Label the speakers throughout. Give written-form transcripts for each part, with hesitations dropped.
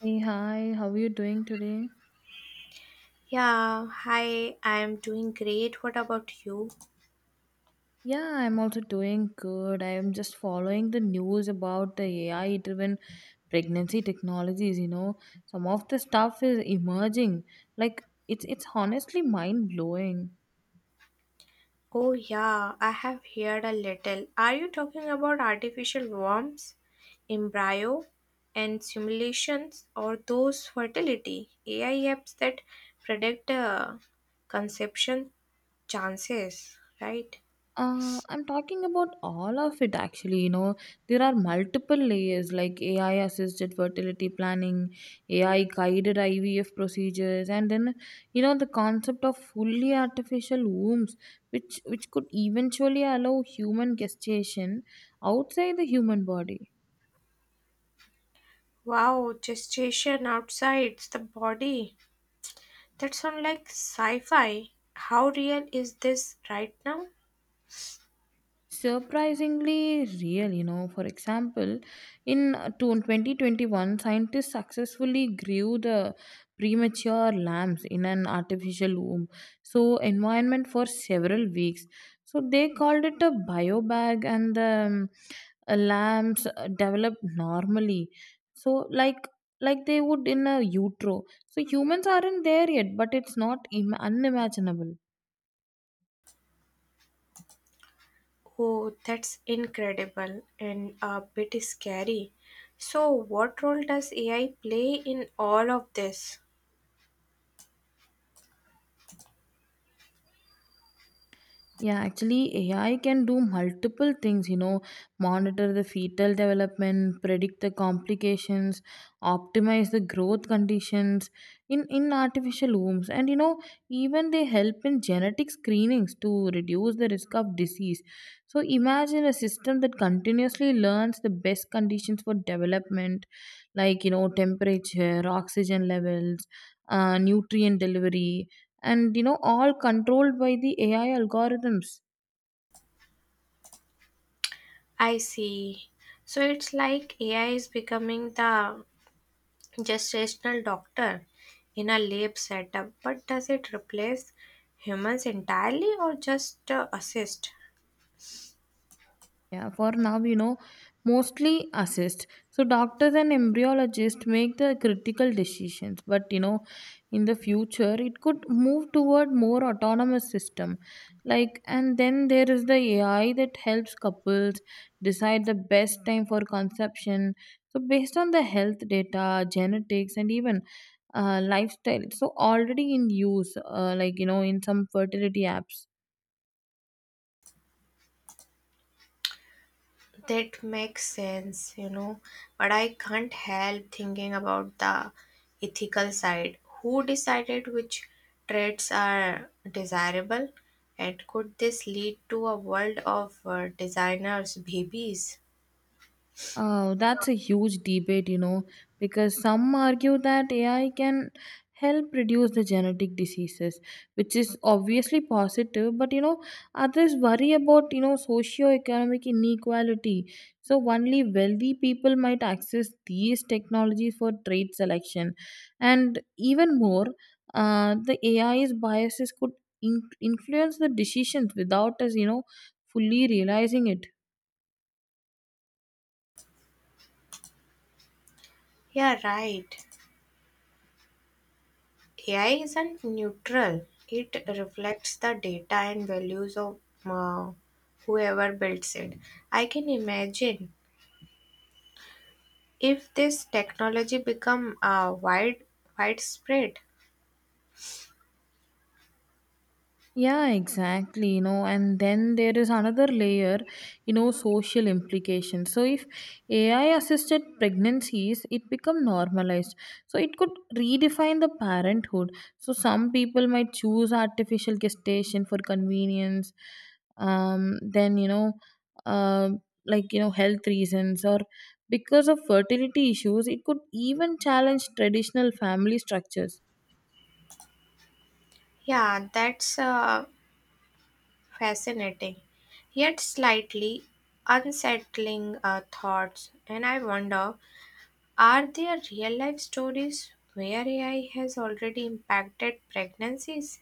Speaker 1: Hey, hi, how are you doing today?
Speaker 2: Yeah, hi, I'm doing great. What about you?
Speaker 1: Yeah, I'm also doing good. I'm just following the news about the AI driven pregnancy technologies. Some of the stuff is emerging. Like it's honestly mind blowing.
Speaker 2: Oh, yeah, I have heard a little. Are you talking about artificial worms, embryo, and simulations, or those fertility AI apps that predict conception chances, right?
Speaker 1: I'm talking about all of it actually. There are multiple layers like AI assisted fertility planning, AI guided IVF procedures, and then the concept of fully artificial wombs, which could eventually allow human gestation outside the human body.
Speaker 2: Wow, gestation outside the body. That sounds like sci fi. How real is this right now?
Speaker 1: Surprisingly real, for example in 2021, scientists successfully grew the premature lambs in an artificial womb, so environment for several weeks. So they called it a biobag, and the lambs develop normally, so like they would in a utero. So humans aren't there yet, but it's not unimaginable.
Speaker 2: Oh, that's incredible and a bit scary. So what role does AI play in all of this?
Speaker 1: Yeah, actually, AI can do multiple things, monitor the fetal development, predict the complications, optimize the growth conditions in artificial wombs. And, even they help in genetic screenings to reduce the risk of disease. So imagine a system that continuously learns the best conditions for development, like, temperature, oxygen levels, nutrient delivery, and all controlled by the AI algorithms.
Speaker 2: I see. So it's like AI is becoming the gestational doctor in a lab setup, but does it replace humans entirely or just assist?
Speaker 1: Yeah, for now, mostly assist. So doctors and embryologists make the critical decisions, but, in the future it could move toward more autonomous system. Like, and then there is the AI that helps couples decide the best time for conception, so based on the health data, genetics, and even lifestyle. So already in use, like in some fertility apps.
Speaker 2: That makes sense, you know, but I can't help thinking about the ethical side. Who decided which traits are desirable? And could this lead to a world of designers' babies?
Speaker 1: Oh, that's a huge debate, because some argue that AI can help reduce the genetic diseases, which is obviously positive, but, others worry about, socio-economic inequality. So only wealthy people might access these technologies for trade selection. And even more, the AI's biases could influence the decisions without us, fully realizing it.
Speaker 2: Yeah, right. AI isn't neutral, it reflects the data and values of uh, whoever builds it. I can imagine if this technology become widespread.
Speaker 1: Yeah, exactly. And then there is another layer, social implications. So if AI assisted pregnancies, it become normalized. So it could redefine the parenthood. So some people might choose artificial gestation for convenience. Then uh, like health reasons or because of fertility issues, it could even challenge traditional family structures.
Speaker 2: Yeah, that's fascinating, yet slightly unsettling thoughts. And I wonder, are there real life stories where AI has already impacted pregnancies?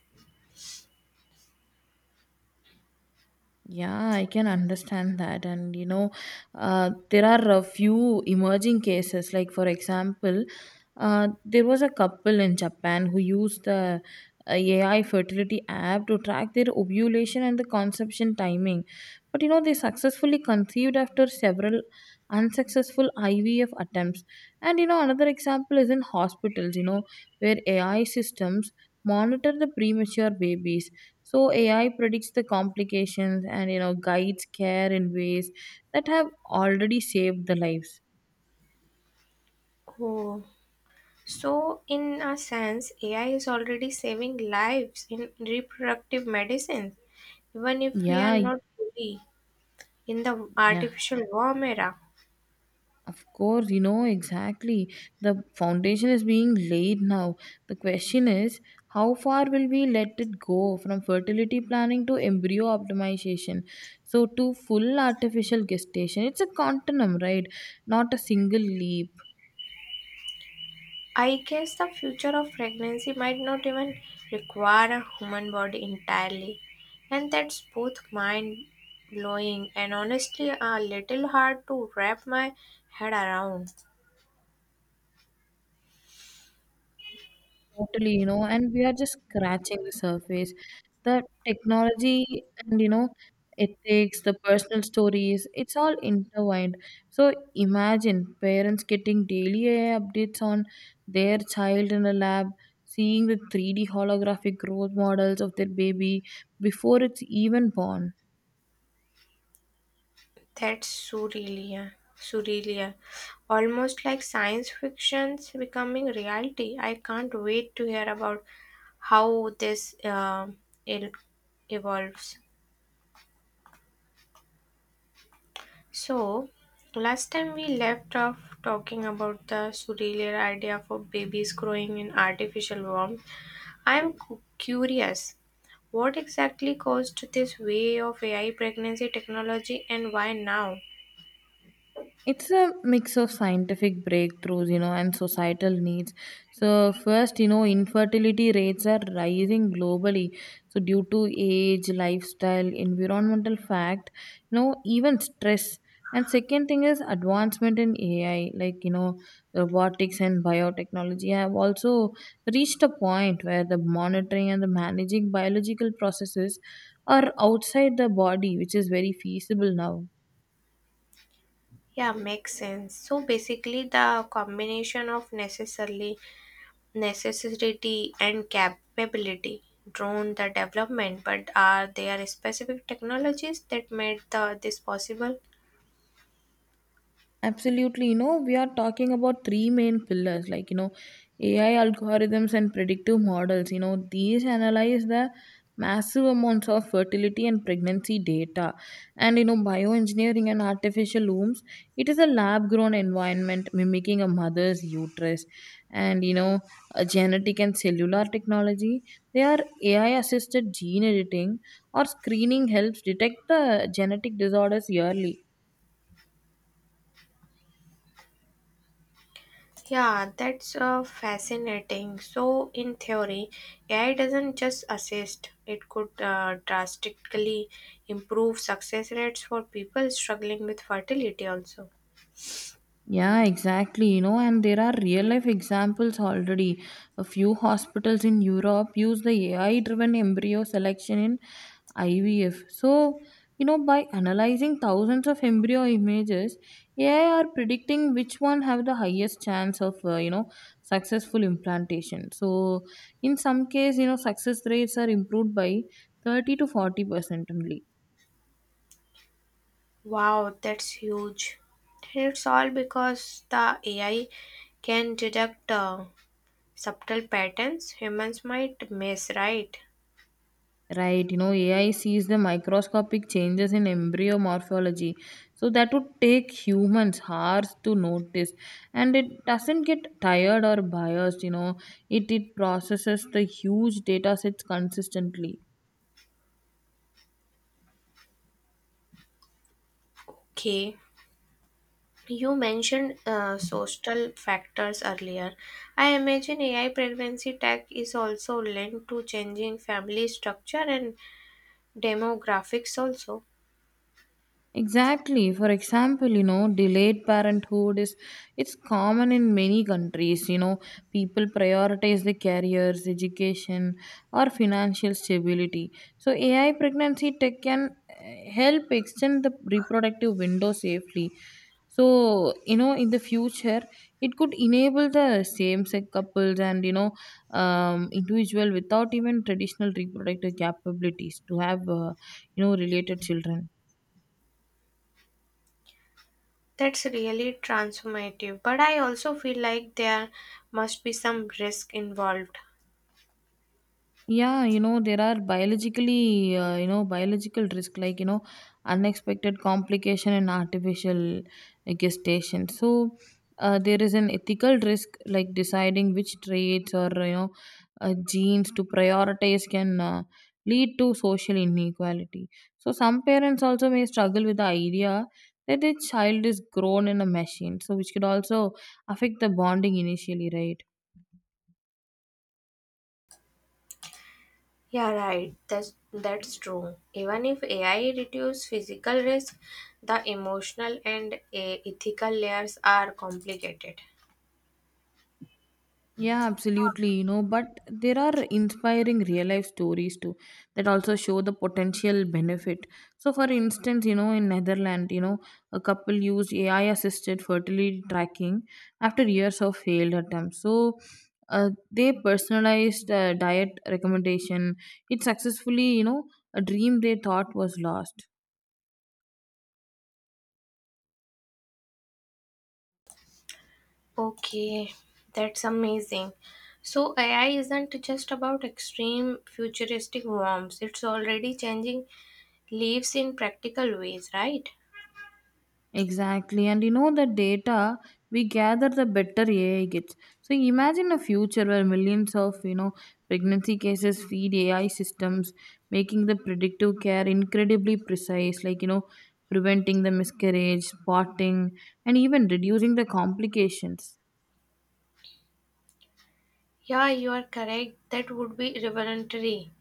Speaker 1: Yeah, I can understand that. And there are a few emerging cases. Like, for example, there was a couple in Japan who used the AI fertility app to track their ovulation and the conception timing. But, they successfully conceived after several unsuccessful IVF attempts. And, another example is in hospitals, where AI systems monitor the premature babies. So AI predicts the complications and guides care in ways that have already saved the lives.
Speaker 2: Oh, so in a sense, AI is already saving lives in reproductive medicine, even if we are
Speaker 1: Yeah,
Speaker 2: not fully in the
Speaker 1: yeah,
Speaker 2: artificial worm era.
Speaker 1: of course, exactly. The foundation is being laid now. The question is, how far will we let it go from fertility planning to embryo optimization? So to full artificial gestation. It's a continuum, right? Not a single leap.
Speaker 2: I guess the future of pregnancy might not even require a human body entirely, and that's both mind blowing and honestly a little hard to wrap my head around.
Speaker 1: Totally, and we are just scratching the surface. The technology and, ethics, the personal stories, it's all intertwined. So imagine parents getting daily AI updates on their child in a lab, seeing the 3D holographic growth models of their baby before it's even born.
Speaker 2: That's surreal, surreal, almost like science fiction's becoming reality. I can't wait to hear about how this it evolves. So last time we left off talking about the surreal idea for babies growing in artificial warmth. I am curious what exactly caused this way of AI pregnancy technology and why now?
Speaker 1: It's a mix of scientific breakthroughs, and societal needs. So first, infertility rates are rising globally, so due to age, lifestyle, environmental fact, even stress. And second thing is advancement in AI, like, robotics and biotechnology have also reached a point where the monitoring and the managing biological processes are outside the body, which is very feasible now.
Speaker 2: Yeah, makes sense. So basically, the combination of necessarily necessity and capability drove the development, but are there specific technologies that made this possible?
Speaker 1: Absolutely. We are talking about three main pillars like, AI algorithms and predictive models. These analyze the massive amounts of fertility and pregnancy data. And, bioengineering and artificial wombs, it is a lab grown environment mimicking a mother's uterus. And, a genetic and cellular technology, they are AI assisted gene editing or screening helps detect the genetic disorders early.
Speaker 2: Yeah, that's fascinating. So in theory, AI doesn't just assist, it could drastically improve success rates for people struggling with fertility, also.
Speaker 1: Yeah, exactly. And there are real life examples already. A few hospitals in Europe use the AI driven embryo selection in IVF. So, by analyzing thousands of embryo images, AI are predicting which one have the highest chance of, successful implantation. So, in some case, success rates are improved by 30 to 40% only.
Speaker 2: Wow, that's huge. And it's all because the AI can detect subtle patterns humans might miss, right?
Speaker 1: Right, AI sees the microscopic changes in embryo morphology. So that would take humans hours to notice. And it doesn't get tired or biased. It processes the huge data sets consistently.
Speaker 2: Okay. You mentioned social factors earlier. I imagine AI pregnancy tech is also linked to changing family structure and demographics also.
Speaker 1: Exactly. For example, delayed parenthood is it's common in many countries. People prioritize their careers, education, or financial stability. So AI pregnancy tech can help extend the reproductive window safely. So, in the future, it could enable the same-sex couples and, individual without even traditional reproductive capabilities to have, related children.
Speaker 2: That's really transformative, but I also feel like there must be some risk involved.
Speaker 1: Yeah, there are biologically, biological risk like, unexpected complication in artificial gestation. So, there is an ethical risk like deciding which traits or, genes to prioritize can lead to social inequality. So some parents also may struggle with the idea that their child is grown in a machine, so which could also affect the bonding initially, right?
Speaker 2: Yeah, right. That's true. Even if AI reduce physical risk, the emotional and ethical layers are complicated.
Speaker 1: Yeah, absolutely. But there are inspiring real life stories too that also show the potential benefit. So, for instance, in Netherlands, a couple used AI assisted fertility tracking after years of failed attempts. So, they personalized diet recommendation. It successfully, a dream they thought was lost.
Speaker 2: Okay, that's amazing. So AI isn't just about extreme futuristic worms, it's already changing lives in practical ways, right?
Speaker 1: Exactly. And the data we gather, the better AI gets. So imagine a future where millions of, pregnancy cases feed AI systems, making the predictive care incredibly precise, like, preventing the miscarriage, spotting, and even reducing the complications.
Speaker 2: Yeah, you are correct. That would be revolutionary.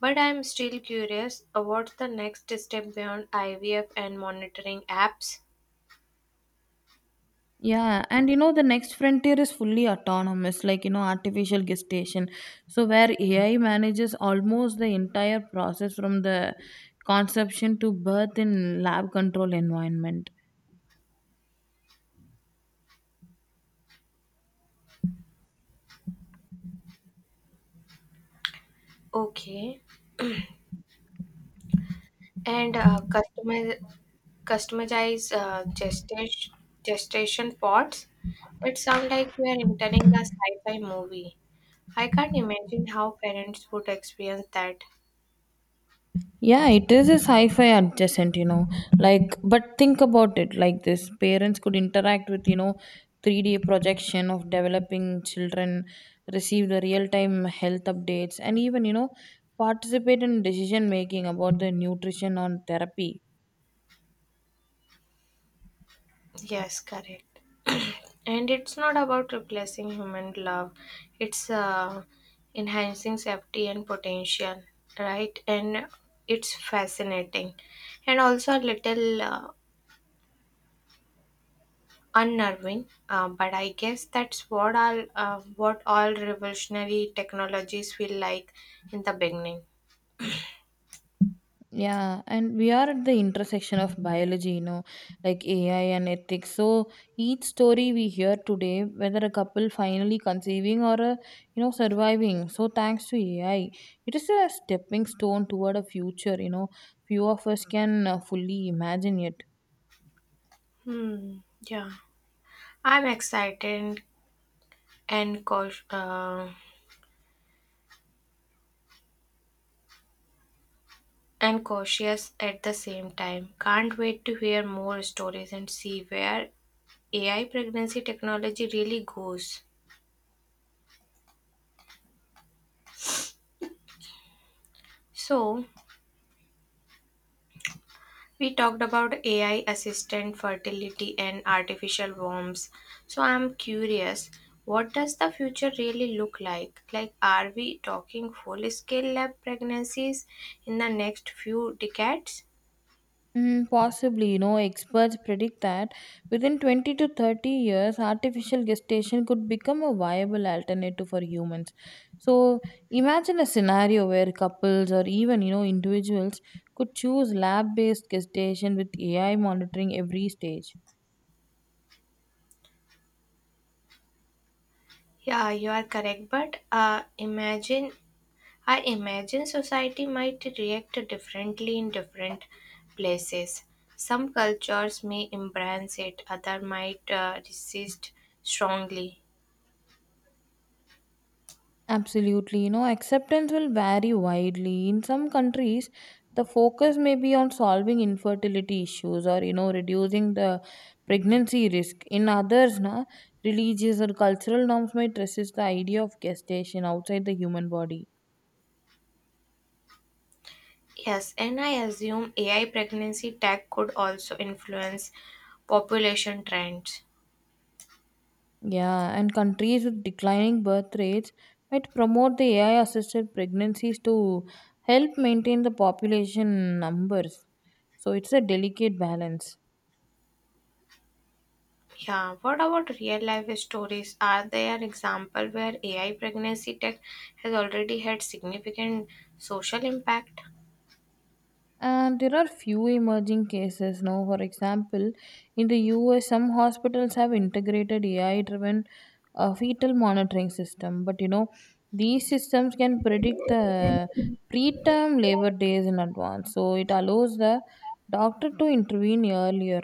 Speaker 2: But I'm still curious, what's the next step beyond IVF and monitoring apps?
Speaker 1: Yeah, and the next frontier is fully autonomous, like artificial gestation. So where AI manages almost the entire process from the conception to birth in lab control environment.
Speaker 2: Okay. And customize gestation pods? That sounds like we are entering the sci-fi movie. I can't imagine how parents would experience that.
Speaker 1: Yeah, it is a sci-fi adjacent. Like, but think about it like this: parents could interact with, 3D projection of developing children, receive the real-time health updates, and even, participate in decision making about their nutrition or therapy.
Speaker 2: Yes, correct. And it's not about replacing human love, it's enhancing safety and potential, right? And it's fascinating and also a little unnerving, but I guess that's what what all revolutionary technologies feel like in the beginning.
Speaker 1: Yeah, and we are at the intersection of biology, like AI and ethics. So each story we hear today, whether a couple finally conceiving or a surviving, so thanks to AI, it is a stepping stone toward a future. Few of us can fully imagine it.
Speaker 2: Hmm, yeah. I'm excited and cautious. And cautious at the same time. Can't wait to hear more stories and see where AI pregnancy technology really goes. So we talked about AI assistant fertility and artificial worms. So I'm curious, what does the future really look like? Like, are we talking full scale lab pregnancies in the next few decades?
Speaker 1: Mm, possibly, experts predict that within 20 to 30 years, artificial gestation could become a viable alternative for humans. So imagine a scenario where couples or even, individuals could choose lab based gestation with AI monitoring every stage.
Speaker 2: Yeah, you are correct. But imagine I imagine society might react differently in different places. Some cultures may embrace it, others might resist strongly.
Speaker 1: Absolutely. Acceptance will vary widely. In some countries, the focus may be on solving infertility issues or, reducing the pregnancy risk. In others, religious or cultural norms might resist the idea of gestation outside the human body.
Speaker 2: Yes, and I assume AI pregnancy tech could also influence population trends.
Speaker 1: Yeah, and countries with declining birth rates might promote the AI assisted pregnancies to help maintain the population numbers. So it's a delicate balance.
Speaker 2: Yeah, what about real life stories? Are there examples where AI pregnancy tech has already had significant social impact?
Speaker 1: And there are few emerging cases now. For example, in the US, some hospitals have integrated AI driven fetal monitoring system. But, these systems can predict the preterm labor days in advance. So it allows the doctor to intervene earlier.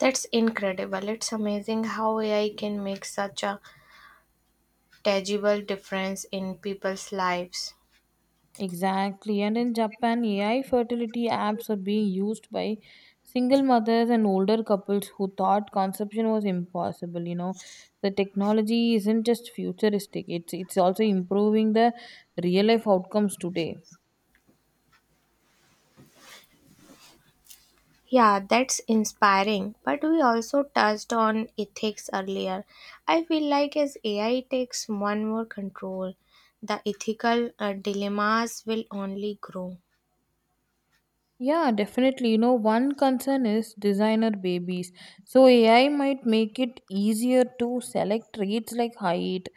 Speaker 2: That's incredible. It's amazing how AI can make such a tangible difference in people's lives.
Speaker 1: Exactly. And in Japan, AI fertility apps are being used by single mothers and older couples who thought conception was impossible. The technology isn't just futuristic, it's also improving the real life outcomes today.
Speaker 2: Yeah, that's inspiring. But we also touched on ethics earlier. I feel like as AI takes one more control, the ethical dilemmas will only grow.
Speaker 1: Yeah, definitely. One concern is designer babies. So AI might make it easier to select traits like height,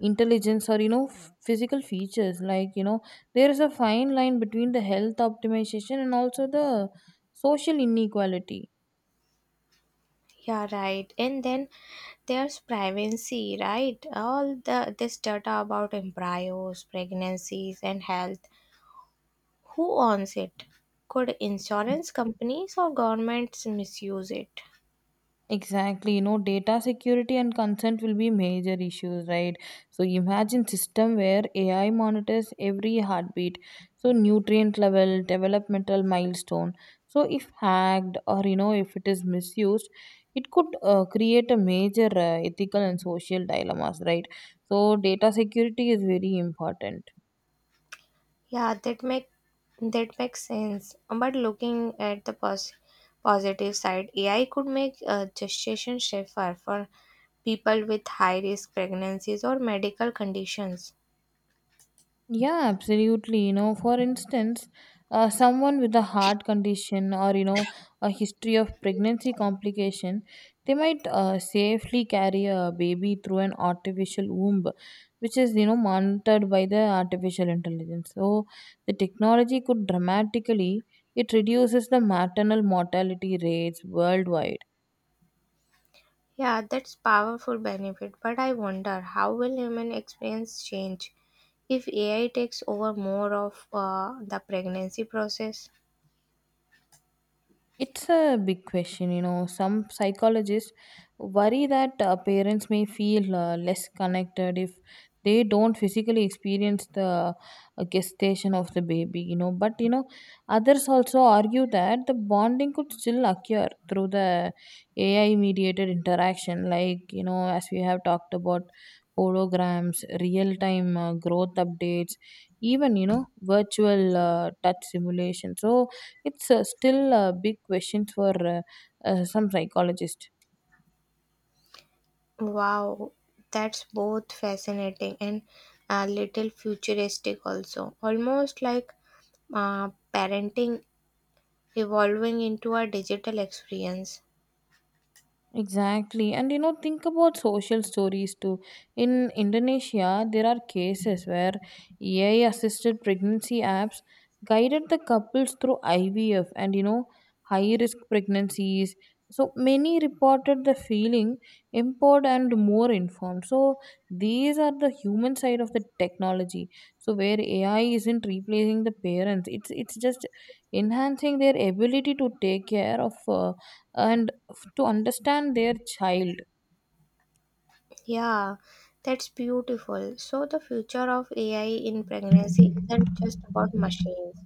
Speaker 1: intelligence, or, physical features. Like, there is a fine line between the health optimization and also the social inequality.
Speaker 2: Yeah, right. And then there's privacy, right? All the this data about embryos, pregnancies, and health. Who owns it? Could insurance companies or governments misuse it?
Speaker 1: Exactly, data security and consent will be major issues, right? So imagine system where AI monitors every heartbeat, so nutrient level, developmental milestone. So if hacked or if it is misused, it could create a major ethical and social dilemmas, right? So data security is very important.
Speaker 2: Yeah, that makes sense. But looking at the positive side, AI could make gestation safer for people with high risk pregnancies or medical conditions.
Speaker 1: Yeah, absolutely. For instance, someone with a heart condition or, a history of pregnancy complication, they might safely carry a baby through an artificial womb, which is, monitored by the artificial intelligence. So the technology it reduces the maternal mortality rates worldwide.
Speaker 2: Yeah, that's powerful benefit, but I wonder how will human experience change if AI takes over more of the pregnancy process?
Speaker 1: It's a big question, you know. Some psychologists worry that parents may feel less connected if they don't physically experience the gestation of the baby, you know. But, you know, others also argue that the bonding could still occur through the AI mediated interaction, like, you know, as we have talked about holograms, real time growth updates, even, you know, virtual touch simulation. So, it's still a big question for some psychologists.
Speaker 2: Wow, that's both fascinating and a little futuristic also. Almost like parenting evolving into a digital experience.
Speaker 1: Exactly. And you know, think about social stories too. In Indonesia, there are cases where AI assisted pregnancy apps guided the couples through IVF and, you know, high risk pregnancies. So many reported the feeling empowered and more informed. So these are the human side of the technology. So where AI isn't replacing the parents, it's just enhancing their ability to take care of and to understand their child.
Speaker 2: Yeah, that's beautiful. So the future of AI in pregnancy isn't just about machines,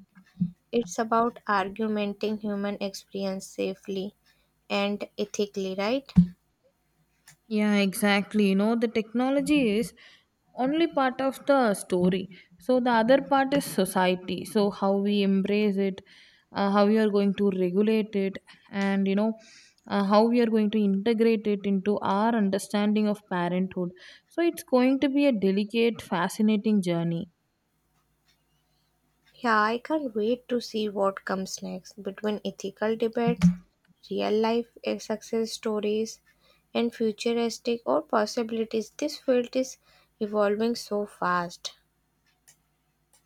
Speaker 2: it's about argumenting human experience safely and ethically, right?
Speaker 1: Yeah, exactly. You know, the technology is only part of the story. So the other part is society. So how we embrace it, how we are going to regulate it, and, you know, how we are going to integrate it into our understanding of parenthood. So it's going to be a delicate, fascinating journey.
Speaker 2: Yeah, I can't wait to see what comes next between ethical debates, real life success stories, and futuristic or possibilities. This field is evolving so fast.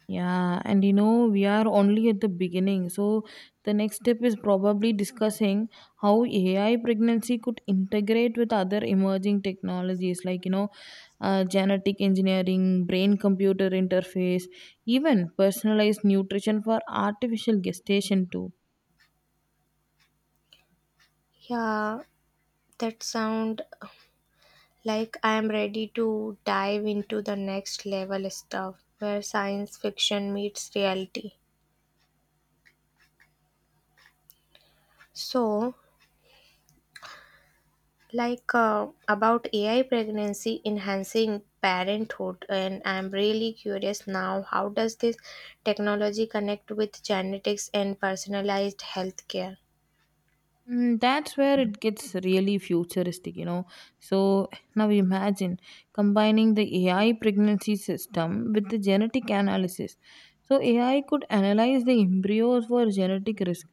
Speaker 1: Yeah, and you know, we are only at the beginning. So, the next step is probably discussing how AI pregnancy could integrate with other emerging technologies like, you know, genetic engineering, brain computer interface, even personalized nutrition for artificial gestation, too.
Speaker 2: Yeah, that sound like I am ready to dive into the next level stuff where science fiction meets reality. So, like about AI pregnancy enhancing parenthood, and I'm really curious now, how does this technology connect with genetics and personalized healthcare?
Speaker 1: Mm, that's where it gets really futuristic, you know. So now imagine combining the AI pregnancy system with the genetic analysis. So AI could analyze the embryos for genetic risk,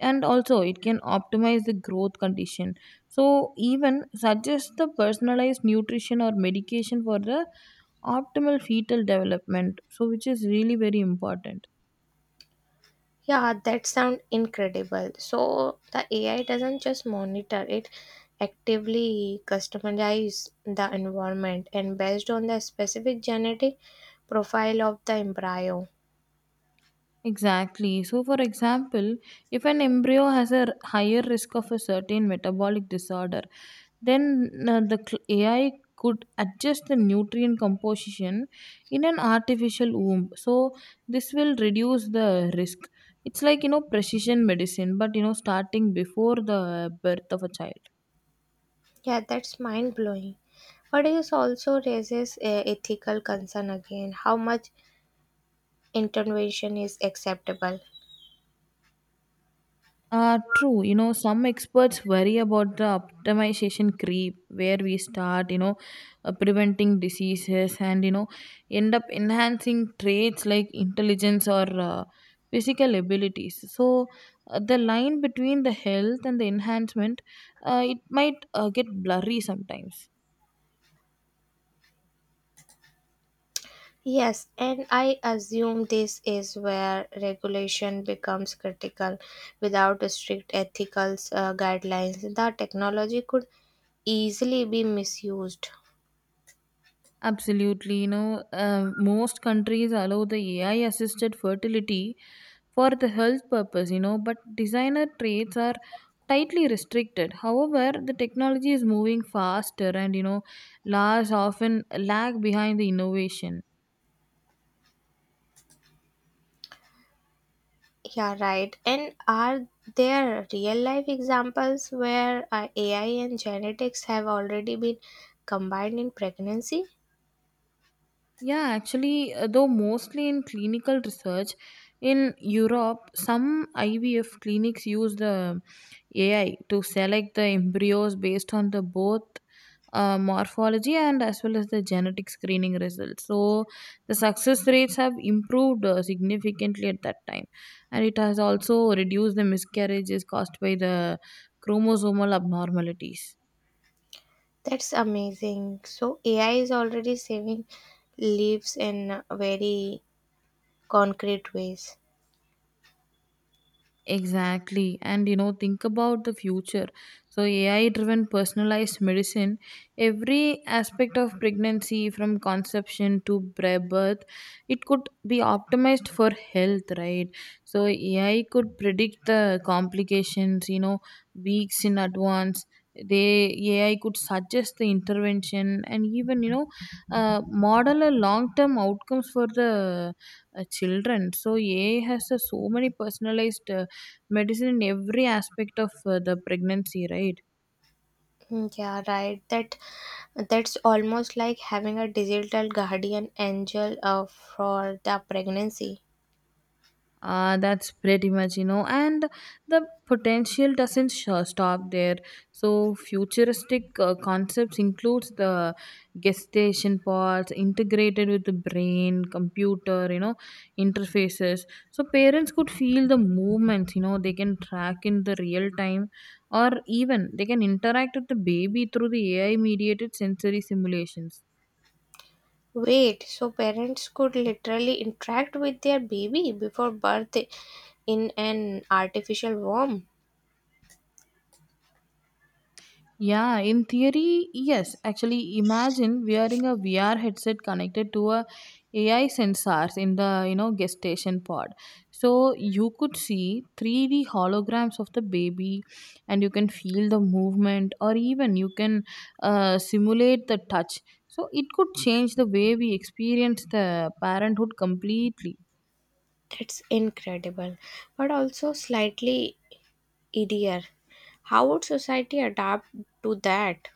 Speaker 1: and also it can optimize the growth condition. So even suggest the personalized nutrition or medication for the optimal fetal development, so which is really very important.
Speaker 2: Yeah, that sounds incredible. So the AI doesn't just monitor, it actively customizes the environment and based on the specific genetic profile of the embryo.
Speaker 1: Exactly. So, for example, if an embryo has higher risk of a certain metabolic disorder, then AI could adjust the nutrient composition in an artificial womb. So, this will reduce the risk. It's like, you know, precision medicine, but, you know, starting before the birth of a child.
Speaker 2: Yeah, that's mind blowing. But it also raises a ethical concern again, how much intervention is acceptable.
Speaker 1: True. You know, some experts worry about the optimization creep where we start, you know, preventing diseases and, you know, end up enhancing traits like intelligence or physical abilities. So, the line between the health and the enhancement, it might get blurry sometimes.
Speaker 2: Yes, and I assume this is where regulation becomes critical. Without strict ethical guidelines, the technology could easily be misused.
Speaker 1: Absolutely. You know, most countries allow the AI assisted fertility for the health purpose, you know, but designer traits are tightly restricted. However, the technology is moving faster, and, you know, laws often lag behind the innovation.
Speaker 2: Yeah, right. And are there real life examples where AI and genetics have already been combined in pregnancy?
Speaker 1: Yeah, actually, though mostly in clinical research, in Europe, some IVF clinics use the AI to select the embryos based on the both morphology and as well as the genetic screening results. So the success rates have improved significantly at that time, and it has also reduced the miscarriages caused by the chromosomal abnormalities.
Speaker 2: That's amazing. So AI is already saving lives in very concrete ways.
Speaker 1: Exactly. And you know, think about the future. So, AI driven personalized medicine, every aspect of pregnancy from conception to birth, it could be optimized for health, right? So, AI could predict the complications, you know, weeks in advance. They AI could suggest the intervention and even, you know, model a long term outcomes for the children. So, AI has so many personalized. Medicine in every aspect of the pregnancy, right?
Speaker 2: Mm, yeah, right. That's almost like having a digital guardian angel for the pregnancy.
Speaker 1: That's pretty much, you know, and the potential doesn't stop there. So futuristic concepts includes the gestation pods integrated with the brain computer, you know, interfaces. So parents could feel the movements, you know, they can track in the real time, or even they can interact with the baby through the AI mediated sensory simulations.
Speaker 2: Wait, so parents could literally interact with their baby before birth in an artificial womb.
Speaker 1: Yeah, in theory, yes. Actually, imagine wearing a VR headset connected to a AI sensors in the, you know, gestation pod. So you could see 3D holograms of the baby, and you can feel the movement, or even you can simulate the touch. So it could change the way we experience the parenthood completely.
Speaker 2: That's incredible, but also slightly idear. How would society adapt to that?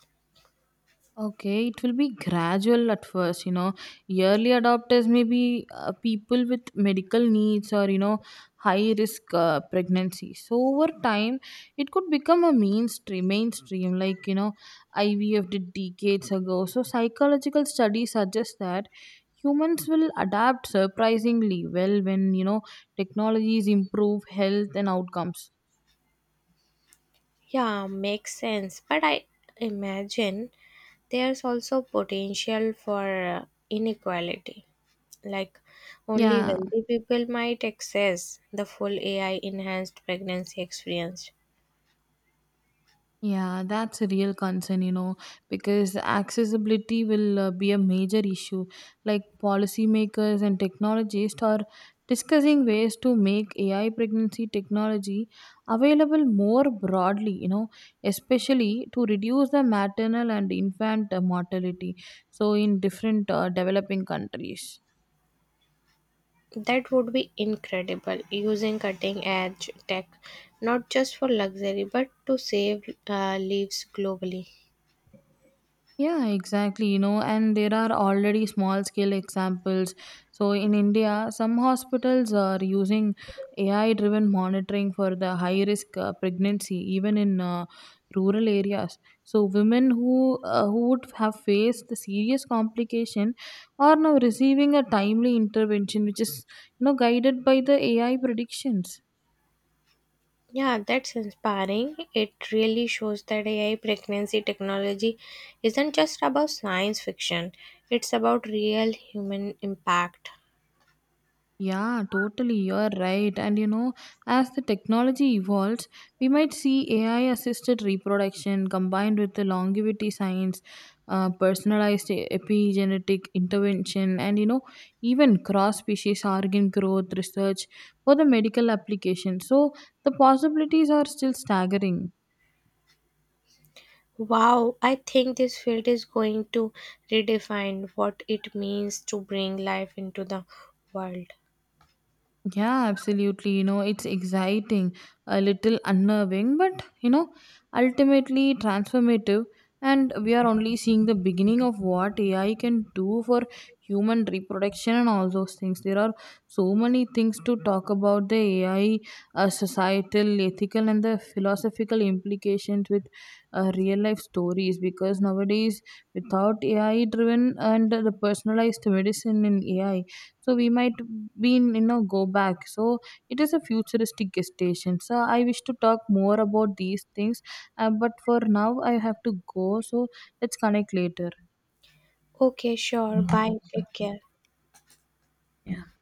Speaker 1: Okay, it will be gradual at first, you know. Early adopters may be people with medical needs or, you know, high risk pregnancy. So, over time, it could become a mainstream, like, you know, IVF did decades ago. So, psychological studies suggest that humans will adapt surprisingly well when, you know, technologies improve health and outcomes.
Speaker 2: Yeah, makes sense. But I imagine there's also potential for inequality. Like, only
Speaker 1: Yeah,
Speaker 2: wealthy people might access the full AI enhanced pregnancy experience.
Speaker 1: Yeah, that's a real concern, you know, because accessibility will be a major issue. Like policymakers and technologists are discussing ways to make AI pregnancy technology available more broadly, you know, especially to reduce the maternal and infant mortality. So, in different developing countries.
Speaker 2: That would be incredible, using cutting edge tech not just for luxury but to save lives globally.
Speaker 1: Yeah, exactly. You know, and there are already small scale examples. So, in India, some hospitals are using AI driven monitoring for the high risk pregnancy, even in rural areas. So, women who would have faced the serious complication are now receiving a timely intervention, which is, you know, guided by the AI predictions.
Speaker 2: Yeah, that's inspiring. It really shows that AI pregnancy technology isn't just about science fiction, it's about real human impact.
Speaker 1: Yeah, totally. You're right. And you know, as the technology evolves, we might see AI assisted reproduction combined with the longevity science, personalized epigenetic intervention, and, you know, even cross species organ growth research for the medical application. So the possibilities are still staggering.
Speaker 2: Wow, I think this field is going to redefine what it means to bring life into the world.
Speaker 1: Yeah, absolutely. You know, it's exciting, a little unnerving, but, you know, ultimately transformative. And we are only seeing the beginning of what AI can do for human reproduction and all those things. There are so many things to talk about the AI, societal, ethical, and the philosophical implications with real life stories. Because nowadays, without AI driven and the personalized medicine in AI, so we might be in, you know, go back. So it is a futuristic gestation, so I wish to talk more about these things, but for now I have to go, so let's connect later.
Speaker 2: Okay, sure. Bye. Take care.
Speaker 1: Yeah.